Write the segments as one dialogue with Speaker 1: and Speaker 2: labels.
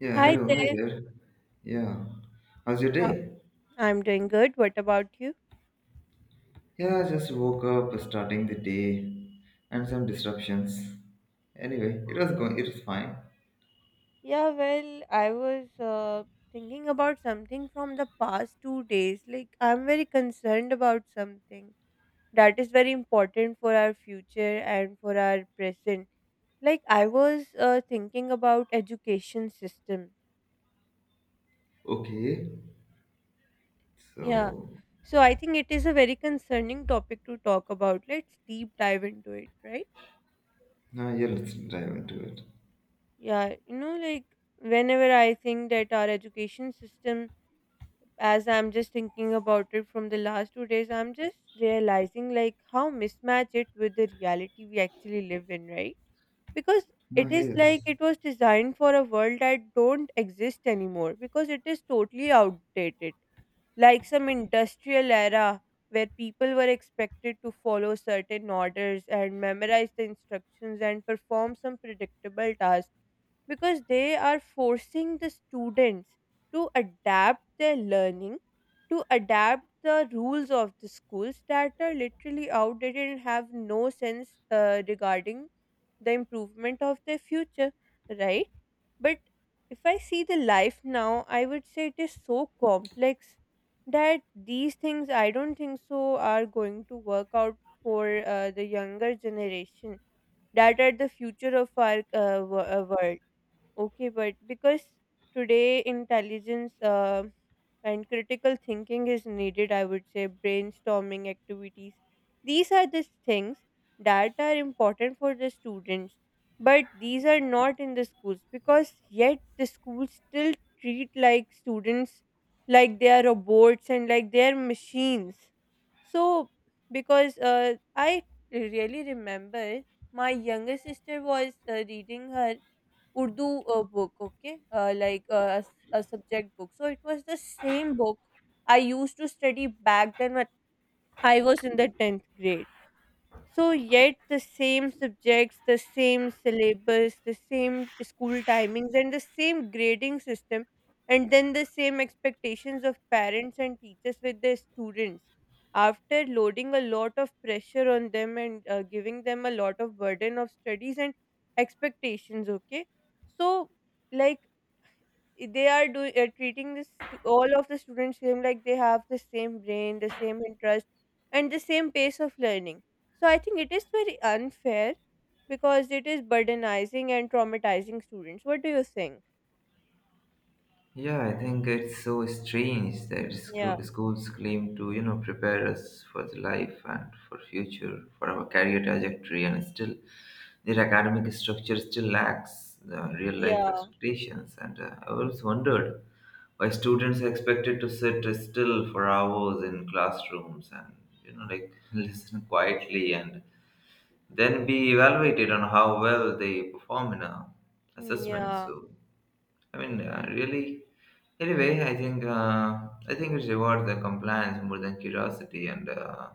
Speaker 1: Yeah,
Speaker 2: Hi
Speaker 1: hello, hi
Speaker 2: there.
Speaker 1: there. Yeah, how's your
Speaker 2: Uh,
Speaker 1: day?
Speaker 2: I'm doing good. What about you?
Speaker 1: Yeah, I just woke up starting the day and some disruptions. Anyway, it was fine.
Speaker 2: Yeah, well, I was thinking about something from the past 2 days. Like, I'm very concerned about something that is very important for our future and for our present. Like, I was thinking about education system.
Speaker 1: Okay,
Speaker 2: Yeah.
Speaker 1: so
Speaker 2: So I think it is a very concerning topic to talk about. Let's deep dive into it, right?
Speaker 1: now, yeah, let's dive into it.
Speaker 2: Yeah, like whenever I think that our education system, as I'm just thinking about it from the last 2 days, I'm just realizing like how mismatched it with the reality we actually live in, right? Because
Speaker 1: Ah,
Speaker 2: it is like
Speaker 1: yes.
Speaker 2: it was designed for a world that don't exist anymore because it is totally outdated, like some industrial era where people were expected to follow certain orders and memorize the instructions and perform some predictable tasks because they are forcing the students to adapt their learning, to adapt the rules of the schools that are literally outdated and have no sense regarding the improvement of their future, right? But if I see the life now, I would say it is so complex that these things, I don't think so, are going to work out for the younger generation that are the future of our world. Okay, but because today intelligence. And critical thinking is needed, I would say, brainstorming activities, these are the things that are important for the students, but these are not in the schools because yet the schools still treat like students, like they are robots and like they are machines. So because I really remember my younger sister was reading her Urdu book, okay, like a subject book. So it was the same book I used to study back then when I was in the 10th grade. So, yet the same subjects, the same syllabus, the same school timings, and the same grading system, and then the same expectations of parents and teachers with their students. After loading a lot of pressure on them and giving them a lot of burden of studies and expectations, okay? So, like, I- they are do treating this to all of the students same, like they have the same brain, the same interest, and the same pace of learning. So I think it is very unfair because it is burdenizing and traumatizing students. What do you think?
Speaker 1: Yeah, I think it's so strange that
Speaker 2: Yeah.
Speaker 1: schools claim to, you know, prepare us for the life and for future, for our career trajectory, and still their academic structure still lacks the real life
Speaker 2: Yeah.
Speaker 1: expectations. And I always wondered why students are expected to sit still for hours in classrooms and, you know, like listen quietly and then be evaluated on how well they perform in a
Speaker 2: Mm,
Speaker 1: assessment.
Speaker 2: yeah.
Speaker 1: So. I mean, really. Anyway, I think we reward the compliance more than curiosity, and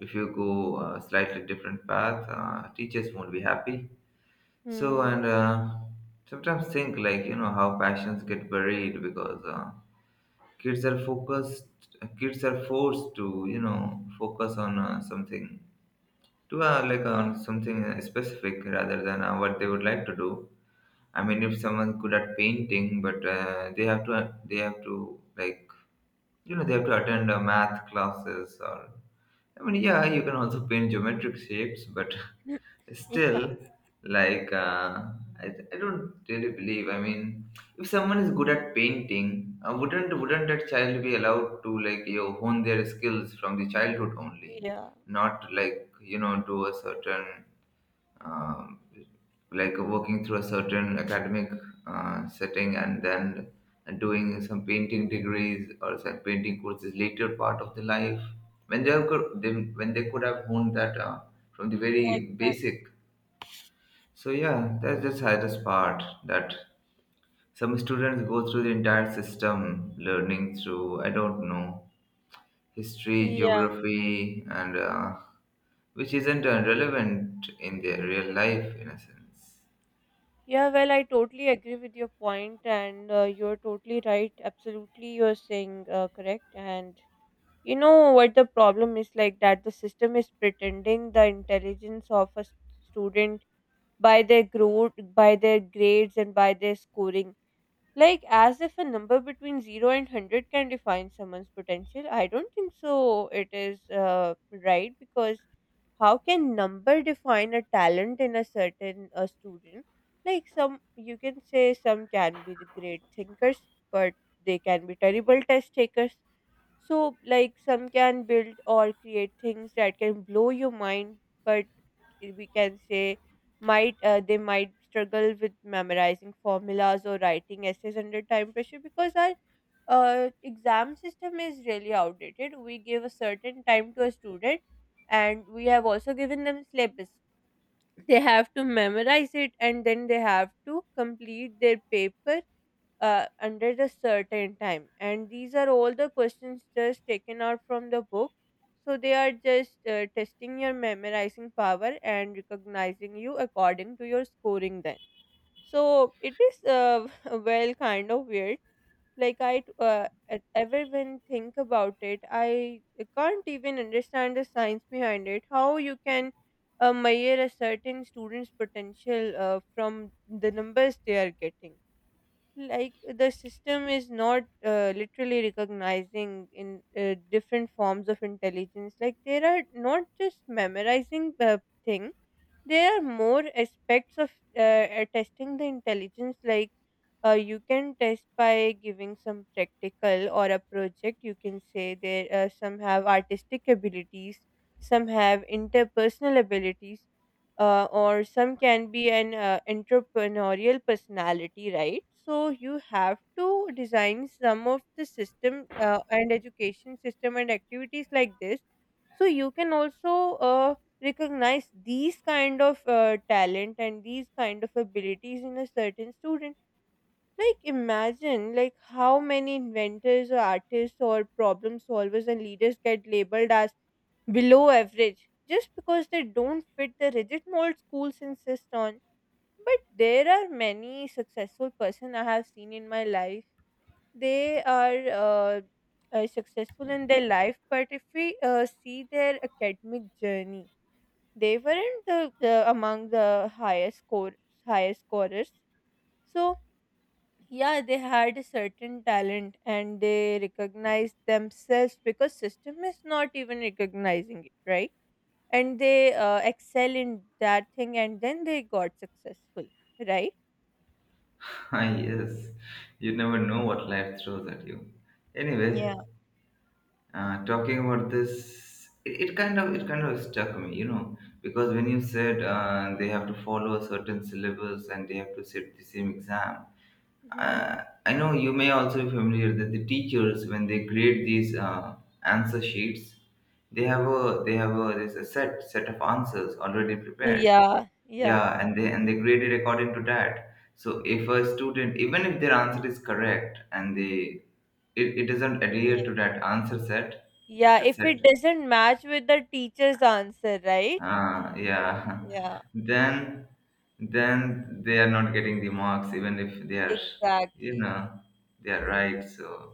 Speaker 1: if you go a slightly different path, teachers won't be happy. So, and
Speaker 2: Hmm.
Speaker 1: sometimes think like, you know, how passions get buried because kids are focused. Kids are forced to, you know, focus on something to like
Speaker 2: Yeah.
Speaker 1: on something specific rather than what they would like to do. I mean, if someone's good at painting, but they have to, like, you know, they have to attend math classes. Or I mean, yeah, you can also paint geometric shapes, but
Speaker 2: Yeah.
Speaker 1: still, like uh, I don't really believe. I mean, if someone is good at painting, wouldn't that child be allowed to, like, you know, hone their skills from the childhood only,
Speaker 2: Yeah.
Speaker 1: not, like, you know, do a certain um, like working through a certain academic setting and then doing some painting degrees or some painting courses later part of the life when they could have honed that from the
Speaker 2: Yeah.
Speaker 1: very
Speaker 2: Exactly.
Speaker 1: basic. So yeah, that's the saddest part that some students go through the entire system learning through, I don't know, history,
Speaker 2: Yeah.
Speaker 1: geography, and which isn't relevant in their real life in a sense.
Speaker 2: Yeah, well, I totally agree with your point, and you're totally right, absolutely, you're saying correct. And you know what the problem is, like that the system is pretending the intelligence of a student by their growth, by their grades, and by their scoring. Like as if a number between 0 and 100 can define someone's potential. I don't think so. It is right because how can number define a talent in a certain a student? Like some, you can say some can be the great thinkers, but they can be terrible test takers. So, like, some can build or create things that can blow your mind, but we can say might they might struggle with memorizing formulas or writing essays under time pressure because our exam system is really outdated. We give a certain time to a student, and we have also given them syllabus. They have to memorize it, and then they have to complete their paper under the certain time, and these are all the questions just taken out from the book. So they are just testing your memorizing power and recognizing you according to your scoring then. So it is well, kind of weird. Like ever when think about it, I can't even understand the science behind it, how you can measure a certain student's potential from the numbers they are getting. Like the system is not literally recognizing in different forms of intelligence, like they are not just memorizing the thing. There are more aspects of testing the intelligence. Like you can test by giving some practical or a project, you can say there some have artistic abilities, some have interpersonal abilities, or some can be an entrepreneurial personality, right? So you have to design some of the system and education system and activities like this, so you can also recognize these kind of talent and these kind of abilities in a certain student. Like imagine like how many inventors or artists or problem solvers and leaders get labeled as below average just because they don't fit the rigid mold schools insist on. But there are many successful person I have seen in my life. They are successful in their life, but if we see their academic journey, they weren't the among the highest scorers. So, yeah, they had a certain talent and they recognized themselves because system is not even recognizing it, right? And they excel in that thing, and then they got successful, right?
Speaker 1: Ah, yes, you never know what life throws at you. Anyway,
Speaker 2: Yeah.
Speaker 1: talking about this, it kind of stuck me, you know, because when you said they have to follow a certain syllabus and they have to sit the same exam.
Speaker 2: Hmm.
Speaker 1: uh, I know you may also be familiar that the teachers when they grade these answer sheets, they have a there's a set of answers already prepared.
Speaker 2: Yeah. Yeah.
Speaker 1: Yeah, and they, and they grade it according to that. So if a student, even if their answer is correct, and it doesn't adhere to
Speaker 2: Yeah.
Speaker 1: that answer set, that
Speaker 2: Yeah,
Speaker 1: is
Speaker 2: if
Speaker 1: set,
Speaker 2: it doesn't match with the teacher's answer, right?
Speaker 1: yeah,
Speaker 2: Yeah.
Speaker 1: then then they are not getting the marks even if they are, you
Speaker 2: Exactly.
Speaker 1: know, they are right. So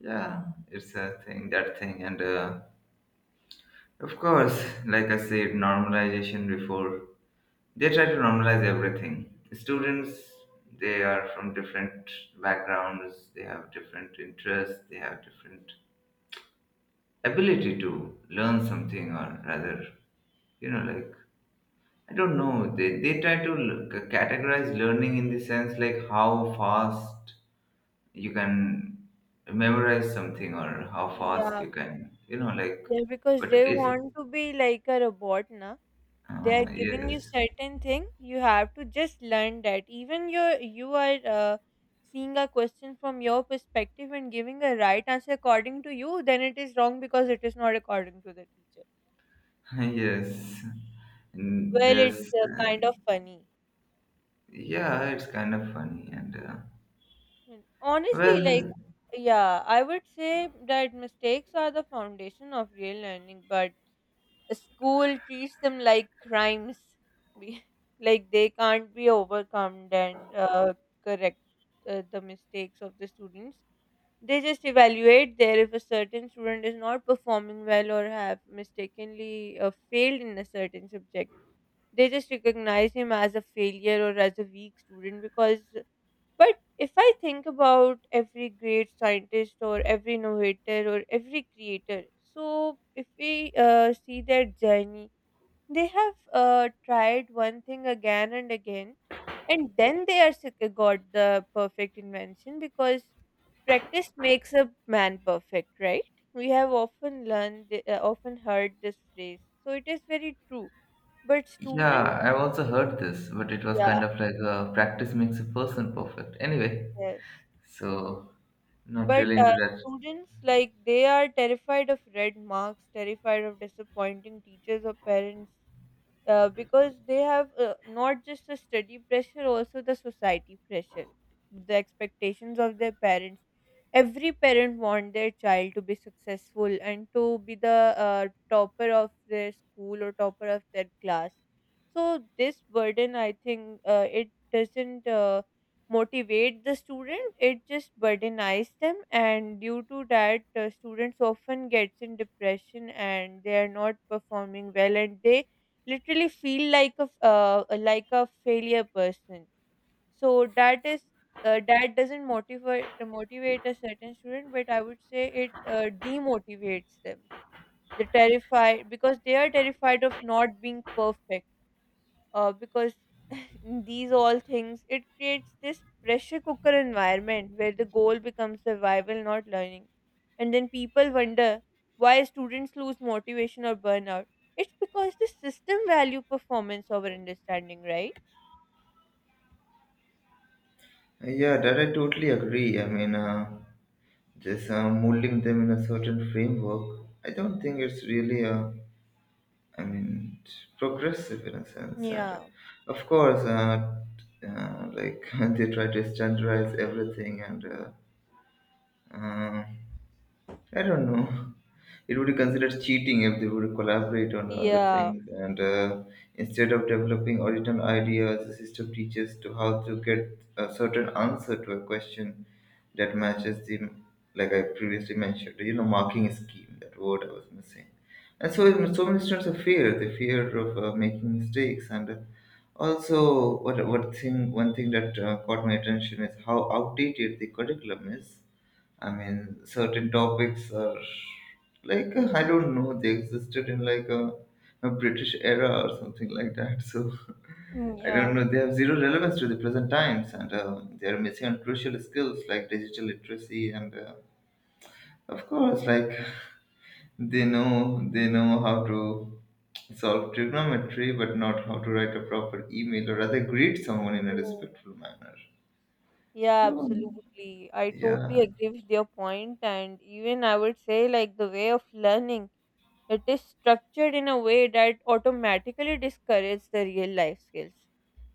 Speaker 1: yeah, it's a thing, that thing, and of course, like I said, normalization before, they try to normalize everything. Students, they are from different backgrounds, they have different interests, they have different ability to learn something, or rather, you know, like, I don't know, they try to categorize learning in the sense like how fast you can memorize something or how fast
Speaker 2: Yeah.
Speaker 1: you can, you know, like.
Speaker 2: Yeah, because
Speaker 1: But
Speaker 2: they
Speaker 1: it's
Speaker 2: want to be like a robot na. They are giving you
Speaker 1: yes.
Speaker 2: certain thing. You have to just learn that. Even you are seeing a question from your perspective and giving a right answer according to you, then it is wrong because it is not according to the teacher.
Speaker 1: Yes. And
Speaker 2: Well, it's
Speaker 1: there's
Speaker 2: kind of funny.
Speaker 1: yeah, it's kind of funny. And
Speaker 2: Mm. Honestly, like,
Speaker 1: well,
Speaker 2: yeah, I would say that mistakes are the foundation of real learning, but school treats them like crimes. be- like they can't be overcome, and correct the mistakes of the students. They just evaluate there if a certain student is not performing well or have mistakenly failed in a certain subject, they just recognize him as a failure or as a weak student. Because but if I think about every great scientist or every innovator or every creator, so if we see their journey, they have tried one thing again and again, and then they are got the perfect invention because practice makes a man perfect, right? We have often heard this phrase, so it is very true. But students,
Speaker 1: yeah, I've also heard this, but it was
Speaker 2: yeah,
Speaker 1: kind of like, practice makes a person perfect. Anyway,
Speaker 2: yes,
Speaker 1: so not
Speaker 2: but
Speaker 1: really into that.
Speaker 2: students, like, they are terrified of red marks, terrified of disappointing teachers or parents. Because they have not just the study pressure, also the society pressure, the expectations of their parents. Every parent want their child to be successful and to be the topper of their school or topper of their class. So this burden, I think, it doesn't motivate the student, it just burdenize them, and due to that, students often gets in depression and they are not performing well, and they literally feel like a failure person. So that is that doesn't motivate a certain student, but I would say it demotivates them. They're terrified because they are terrified of not being perfect, because these all things, it creates this pressure cooker environment where the goal becomes survival, not learning. And then people wonder why students lose motivation or burnout. It's because the system value performance over understanding, right?
Speaker 1: Yeah, that I totally agree. I mean, just molding them in a certain framework, I don't think it's really, I mean, progressive in a sense. And
Speaker 2: Yeah.
Speaker 1: of course, like they try to standardize everything, and uh, I don't know. It would be considered cheating if they would collaborate on other
Speaker 2: Yeah.
Speaker 1: things. And instead of developing original ideas, the system teaches to how to get a certain answer to a question that matches the, like I previously mentioned, you know, marking scheme, that word I was missing. And so, so many the fear of making mistakes. And also, one thing that caught my attention is how outdated the curriculum is. I mean, certain topics are I don't know, they existed in a British era or something like that. So
Speaker 2: Mm,
Speaker 1: I don't
Speaker 2: yeah.
Speaker 1: know, they have zero relevance to the present times, and they are missing on crucial skills like digital literacy and of course, like, they know how to solve trigonometry but not how to write a proper email or rather greet someone in a
Speaker 2: Mm.
Speaker 1: respectful manner.
Speaker 2: Yeah,
Speaker 1: So
Speaker 2: absolutely. I totally
Speaker 1: yeah,
Speaker 2: agree with your point, and even I would say, like, the way of learning, it is structured in a way that automatically discourages the real life skills.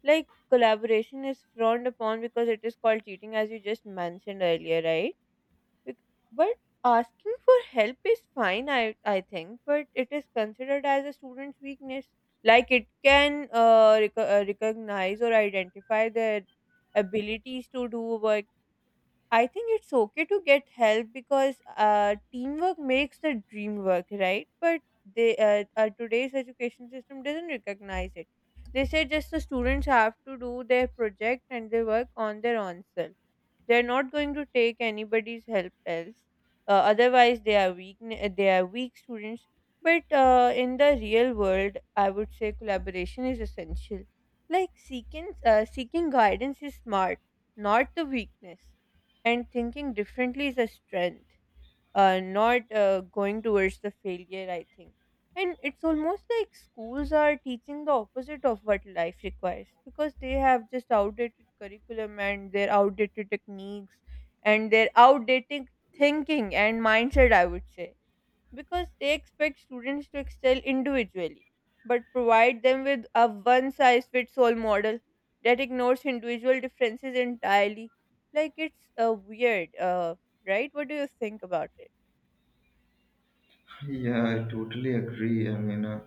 Speaker 2: Like collaboration is frowned upon because it is called cheating, as you just mentioned earlier, right? Bec- But asking for help is fine, I think, but it is considered as a student's weakness. Like it can recognize or identify their abilities to do work. I think it's okay to get help because teamwork makes the dream work, right? But they today's education system doesn't recognize it. They say just the students have to do their project and they work on their own self. They're not going to take anybody's help else. Otherwise, they are weak. They are weak students. But in the real world, I would say collaboration is essential. Like seeking guidance is smart, not the weakness, and thinking differently is a strength, not going towards the failure, I think. And it's almost like schools are teaching the opposite of what life requires because they have just outdated curriculum and their outdated techniques and their outdated thinking and mindset, I would say. Because they expect students to excel individually but provide them with a one size fits all model that ignores individual differences entirely. Like it's weird, right? What do you think about it?
Speaker 1: yeah, I totally agree. I mean.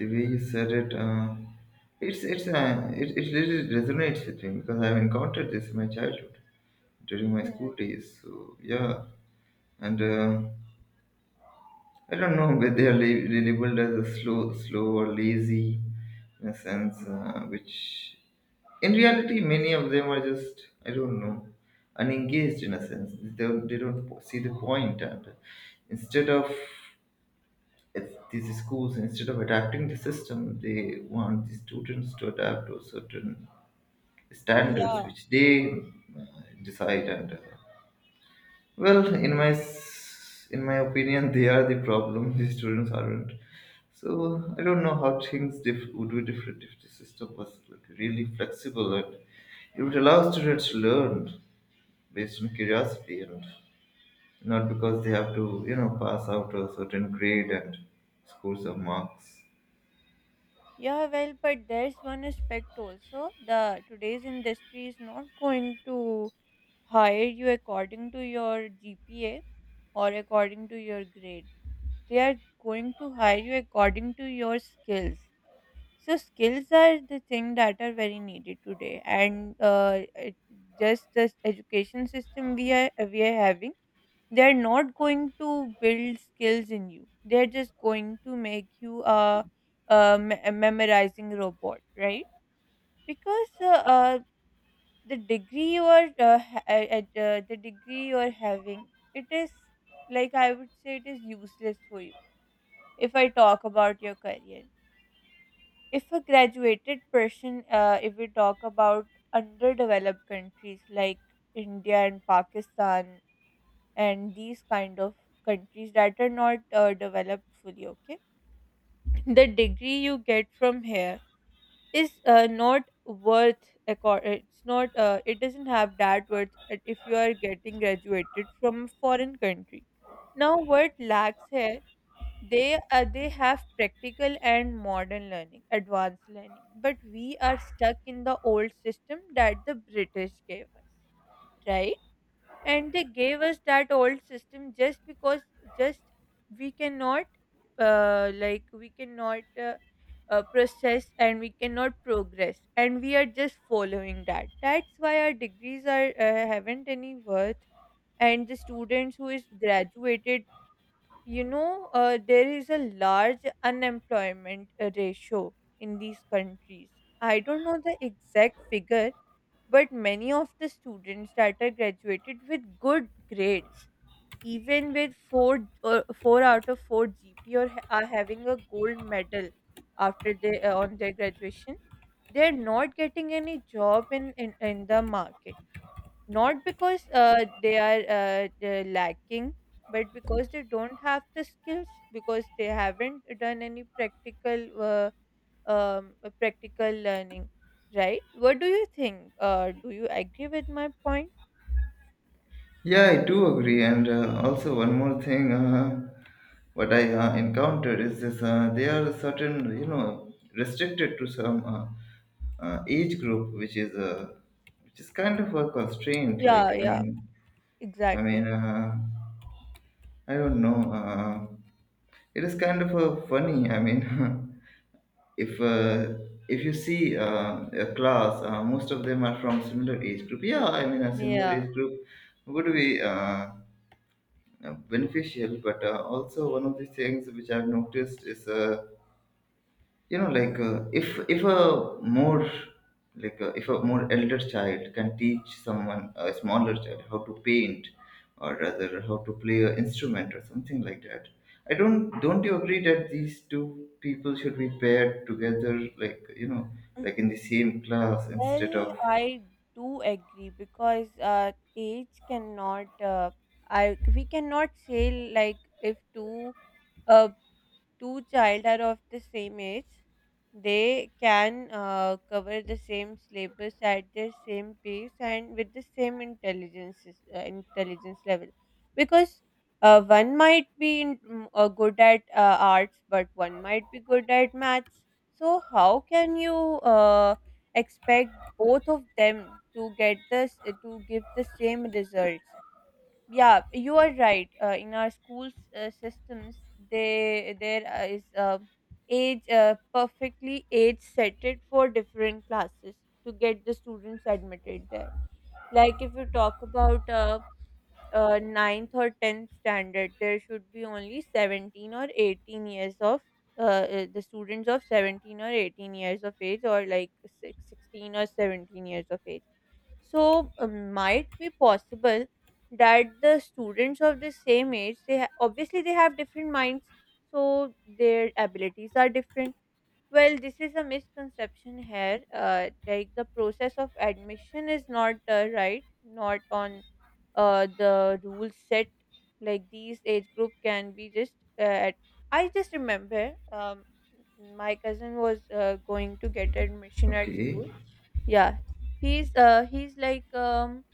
Speaker 1: The way you said it, it's it really resonates with me because I've encountered this in my childhood during my
Speaker 2: Mm.
Speaker 1: school days. So yeah, and I don't know whether they are labeled as a slow or lazy in a sense, which in reality many of them are just, I don't know, unengaged in a sense. They don't po- see the point, and instead of, it's these schools instead of adapting the system they want the students to adapt to certain standards
Speaker 2: Yeah.
Speaker 1: which they uh, decide. And well, in my in my opinion, they are the problem, the students aren't. So I don't know how things would be different if the system was like really flexible and it would allow students to learn based on curiosity and not because they have to, you know, pass out a certain grade and scores or marks.
Speaker 2: Yeah, well, but there's one aspect also. The today's industry is not going to hire you according to your GPA or according to your grade. They are going to hire you according to your skills. So skills are the thing that are very needed today, and it, just the education system we are having, they are not going to build skills in you. They are just going to make you a, a memorizing robot, right? Because uh, the degree you are the degree you are having, it is like I would say it is useless for you. If I talk about your career, if a graduated person, if we talk about underdeveloped countries like India and Pakistan and these kind of countries that are not developed fully, okay, the degree you get from here is not worth it's not it doesn't have that worth that if you are getting graduated from a foreign country. Now what lacks here, they have practical and modern learning, advanced learning, but we are stuck in the old system that the British gave us, right? And they gave us that old system just because, just, we cannot, like we cannot, process, and we cannot progress, and we are just following that. That's why our degrees are haven't any worth. And the students who is graduated, you know, there is a large unemployment ratio in these countries. I don't know the exact figure, but many of the students that are graduated with good grades, even with 4 or 4 out of 4 GP or are having a gold medal after they, on their graduation, they're not getting any job in the market. Not because they are they're lacking, but because they don't have the skills, because they haven't done any practical, practical learning, right? What do you think, do you agree with my point?
Speaker 1: Yeah, I do agree. And also, one more thing, what I encountered is this: they are certain, you know, restricted to some age group, which is kind of a constraint. Like,
Speaker 2: Yeah,
Speaker 1: I
Speaker 2: yeah,
Speaker 1: mean, I mean,
Speaker 2: exactly.
Speaker 1: I don't know. It is kind of a funny. I mean, if uh, if you see a class, most of them are from similar age group. Yeah, I mean, a similar
Speaker 2: Yeah.
Speaker 1: age group would be beneficial, but also one of the things which I've noticed is you know, like, if a more like if a more elder child can teach someone, a smaller child, how to paint or rather how to play an instrument or something like that, I don't you agree that these two people should be paired together, like, you know,
Speaker 2: Mm.
Speaker 1: like in the same class instead
Speaker 2: Well,
Speaker 1: of.
Speaker 2: I do agree, because age cannot, I, we cannot say like if two, uh, two child are of the same age, they can cover the same syllabus at the same pace and with the same intelligence, intelligence level. Because one might be in, good at arts, but one might be good at maths. So how can you uh, expect both of them to get this to give the same results? Yeah, you are right. Uh, in our schools, systems, they there is age, perfectly age setted for different classes to get the students admitted there. Like if you talk about ninth or 10th standard, there should be only 17 or 18 years of, uh, the students of 17 or 18 years of age, or like sixteen or 17 years of age. So might be possible that the students of the same age, obviously they have different minds, so their abilities are different. Well, this is a misconception here. Like the process of admission is not right, not on the rules set. Like these age group can be just, uh, at. I just remember my cousin was going to get admission at
Speaker 1: Okay.
Speaker 2: school. Yeah, he's like um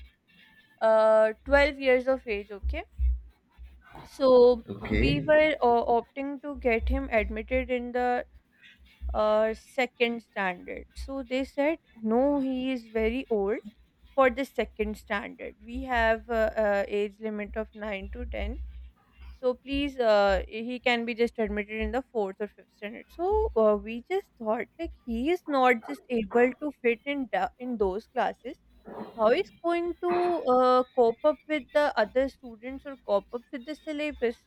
Speaker 2: uh 12 years of age, okay? So we
Speaker 1: Okay.
Speaker 2: were opting to get him admitted in the second standard. So they said no, he is very old for the second standard. We have age limit of 9 to 10, so please he can be just admitted in the fourth or fifth standard. So we just thought like he is not just able to fit in the, in those classes. How is going to cope up with the other students or cope up with the syllabus?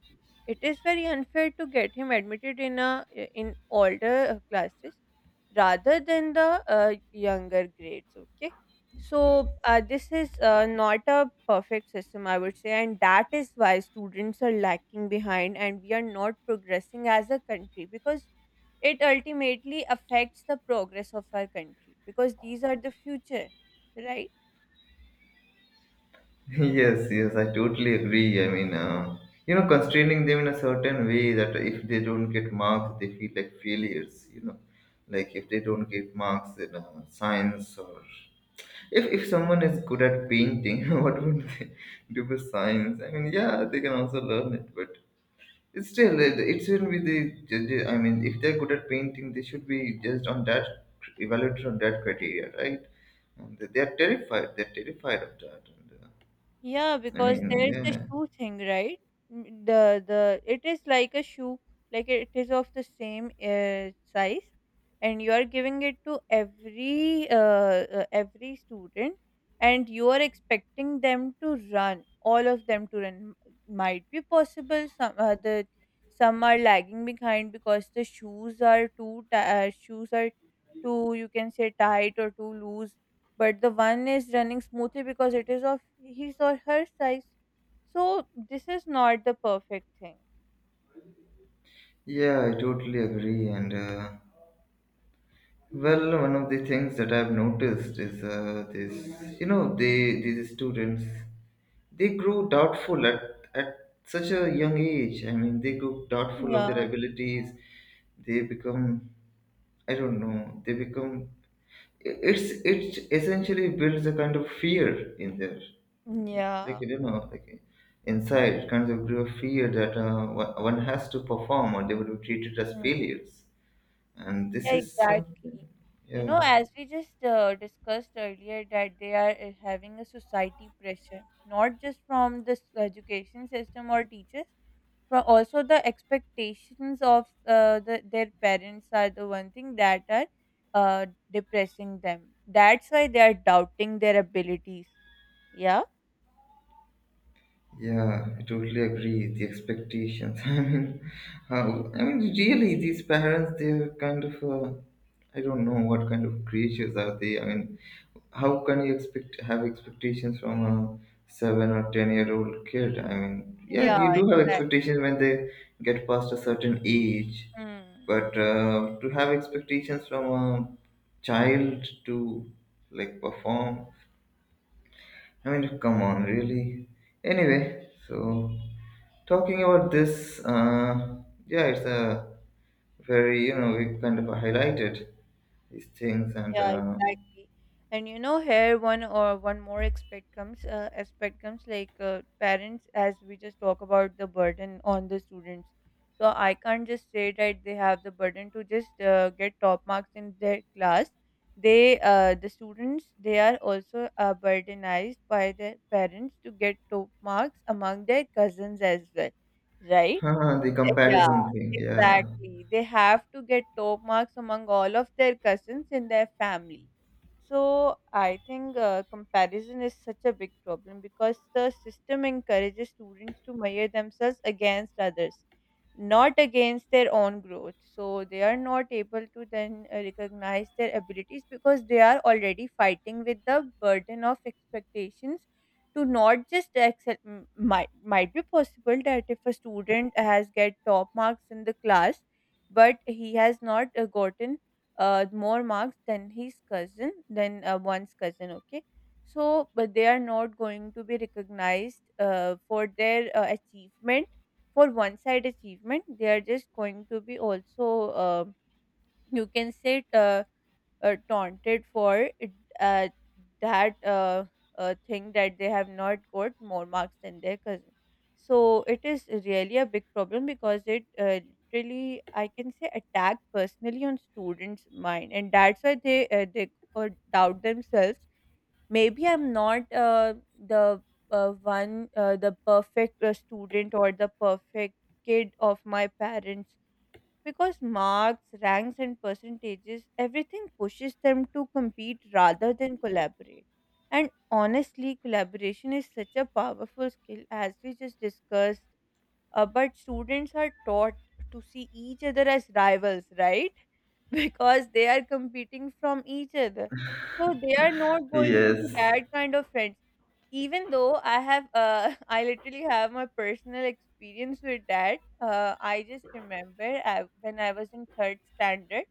Speaker 2: It is very unfair to get him admitted in a, in older classes rather than the younger grades, okay? So, this is not a perfect system, I would say, and that is why students are lacking behind and we are not progressing as a country, because it ultimately affects the progress of our country, because these are the future, right?
Speaker 1: Yes, yes, I totally agree. I mean, you know, constraining them in a certain way that if they don't get marks, they feel like failures. You know, like if they don't get marks in science, or if someone is good at painting, what would they do for science? I mean, yeah, they can also learn it, but it shouldn't be the judge. I mean, if they're good at painting, they should be judged on that, evaluated on that criteria, right? And they are terrified. They're terrified of that. And,
Speaker 2: Yeah,
Speaker 1: I
Speaker 2: because
Speaker 1: mean,
Speaker 2: there's the
Speaker 1: yeah,
Speaker 2: shoe thing, right? Mm, the it is like a shoe. Like it is of the same size, and you are giving it to every student, and you are expecting them to run, all of them to run. Might be possible some, the some are lagging behind because the shoes are too shoes are too, you can say, tight or too loose, but the one is running smoothly because it is of his or her size. So this is not the perfect thing.
Speaker 1: yeah, I totally agree. And well, one of the things that I've noticed is this, you know, they these students, they grow doubtful at such a young age. I mean, they grow doubtful of their
Speaker 2: Yeah.
Speaker 1: abilities. They become, I don't know, they become. It's it essentially builds a kind of fear in there, like,
Speaker 2: Yeah.
Speaker 1: you don't know, like, inside kind of grew a fear that one has to perform or they would be treated as
Speaker 2: Mm.
Speaker 1: failures, and this
Speaker 2: Yeah,
Speaker 1: is something.
Speaker 2: exactly. You know,
Speaker 1: Yeah,
Speaker 2: as we just discussed earlier, that they are having a society pressure, not just from this education system or teachers, but also the expectations of their parents are the one thing that are depressing them. That's why they are doubting their abilities. Yeah.
Speaker 1: yeah, I totally agree. The expectations. I mean, how, I mean, really, these parents, they're kind of I don't know what kind of creatures are they. I mean, how can you expect, have expectations from a 7 or 10 year old kid? I mean, yeah,
Speaker 2: Yeah,
Speaker 1: you do have
Speaker 2: exactly.
Speaker 1: expectations when they get past a certain age,
Speaker 2: Mm.
Speaker 1: but to have expectations from a child to like perform, I mean, come on, really. Anyway, so talking about this, yeah, it's a very, you know, we kind of highlighted these things, and
Speaker 2: Yeah, exactly. And you know, here one more aspect comes, like parents, as we just talk about the burden on the students. So I can't just say that they have the burden to just get top marks in their class. They, the students, they are also burdenized by their parents to get top marks among their cousins as well, right?
Speaker 1: the
Speaker 2: Yeah,
Speaker 1: comparison thing, yeah.
Speaker 2: exactly. They have to get top marks among all of their cousins in their family. So I think comparison is such a big problem because the system encourages students to measure themselves against others, not against their own growth. So they are not able to then recognize their abilities because they are already fighting with the burden of expectations to not just might be possible that if a student has get top marks in the class, but he has not gotten more marks than his cousin, than one's cousin, okay? So, but they are not going to be recognized for their achievement. For one side achievement, they are just going to be also uh, you can say it, taunted for it, uh, that thing that they have not got more marks than their cousin. So it is really a big problem, because it literally, I can say, attack personally on students' mind, and that's why they doubt themselves. Maybe I'm not the perfect student or the perfect kid of my parents, because marks, ranks, and percentages, everything pushes them to compete rather than collaborate. And honestly, collaboration is such a powerful skill, as we just discussed. But students are taught to see each other as rivals, right? Because they are competing from each other. So they are not going to be
Speaker 1: Yes.
Speaker 2: that kind of friends. Even though I have, I literally have my personal experience with that. I just remember I, when I was in third standard,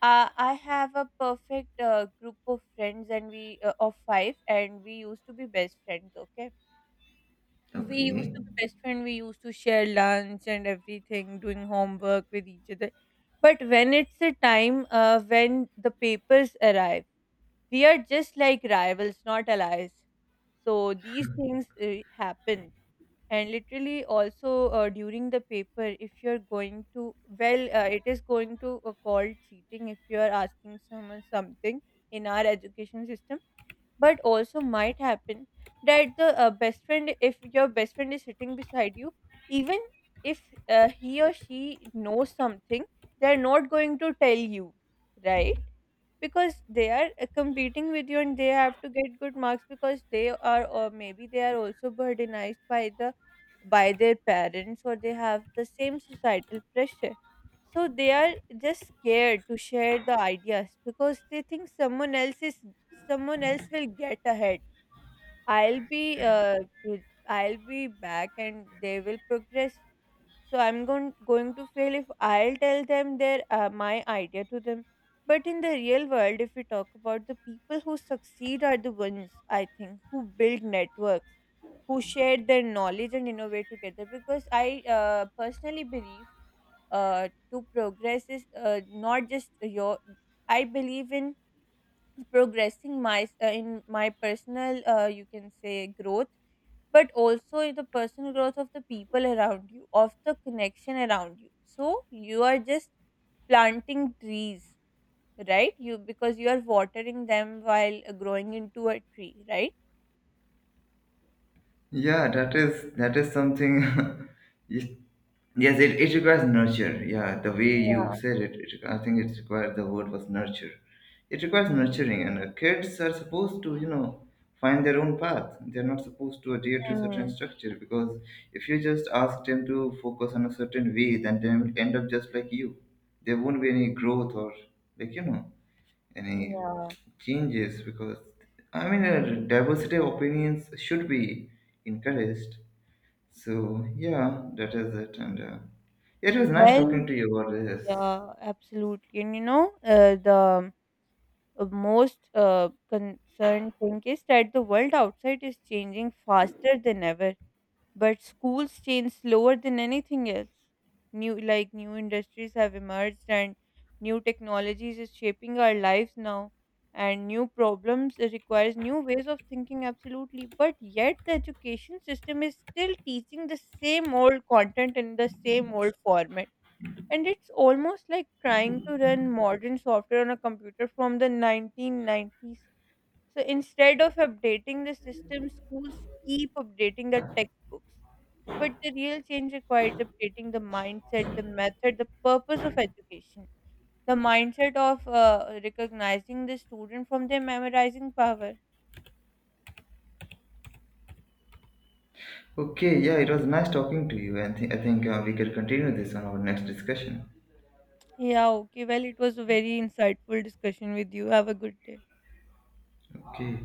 Speaker 2: I have a perfect group of friends, and we of five, and we used to be best friends. Okay, we used
Speaker 1: Okay.
Speaker 2: to be best friend, we used to share lunch and everything, doing homework with each other. But when it's a time, when the papers arrive, we are just like rivals, not allies. So these things happen. And literally also during the paper, if you're going to, it is going to called cheating if you are asking someone something, in our education system. But also might happen that the best friend, if your best friend is sitting beside you, even if he or she knows something, they're not going to tell you, right? Because they are competing with you, and they have to get good marks, because they are, or maybe they are also burdenized by the, by their parents, or they have the same societal pressure. So they are just scared to share the ideas because they think someone else will get ahead. I'll be I'll be back, and they will progress. So I'm going to fail if I'll tell them their, my idea to them. But in the real world, if we talk about the people who succeed are the ones, I think, who build networks, who share their knowledge and innovate together. Because I, personally believe, to progress is, not just your I believe in progressing my personal, you can say, growth, but also the personal growth of the people around you, of the connection around you. So you are just planting trees, right? You, because you are watering them while growing into a tree, right?
Speaker 1: Yeah, that is something. You? Yes, it requires nurture. Yeah, the way you
Speaker 2: Yeah.
Speaker 1: said it, it, I think it requires, the word was nurture. It requires nurturing, and kids are supposed to, you know, find their own path. They're not supposed to adhere to certain
Speaker 2: Mm,
Speaker 1: structure because if you just ask them to focus on a certain way, then they will end up just like you. There won't be any growth or, like, you know, any
Speaker 2: yeah.
Speaker 1: changes because, I mean, diversity of opinions should be encouraged. So yeah, that is it. And it was nice talking
Speaker 2: Well,
Speaker 1: to you about this.
Speaker 2: yeah, absolutely. And you know, the most concerned thing is that the world outside is changing faster than ever, but schools change slower than anything else. New, like new industries have emerged, and new technologies is shaping our lives now, and new problems, it requires new ways of thinking, absolutely, but yet the education system is still teaching the same old content in the same old format. And it's almost like trying to run modern software on a computer from the 1990s. So instead of updating the system, schools keep updating the textbooks, but the real change requires updating the mindset, the method, the purpose of education. The mindset of recognizing the student from their memorizing power.
Speaker 1: Okay, yeah, it was nice talking to you, and I think we could continue this on our next discussion.
Speaker 2: Yeah, okay. Well, it was a very insightful discussion with you. Have a good day.
Speaker 1: Okay.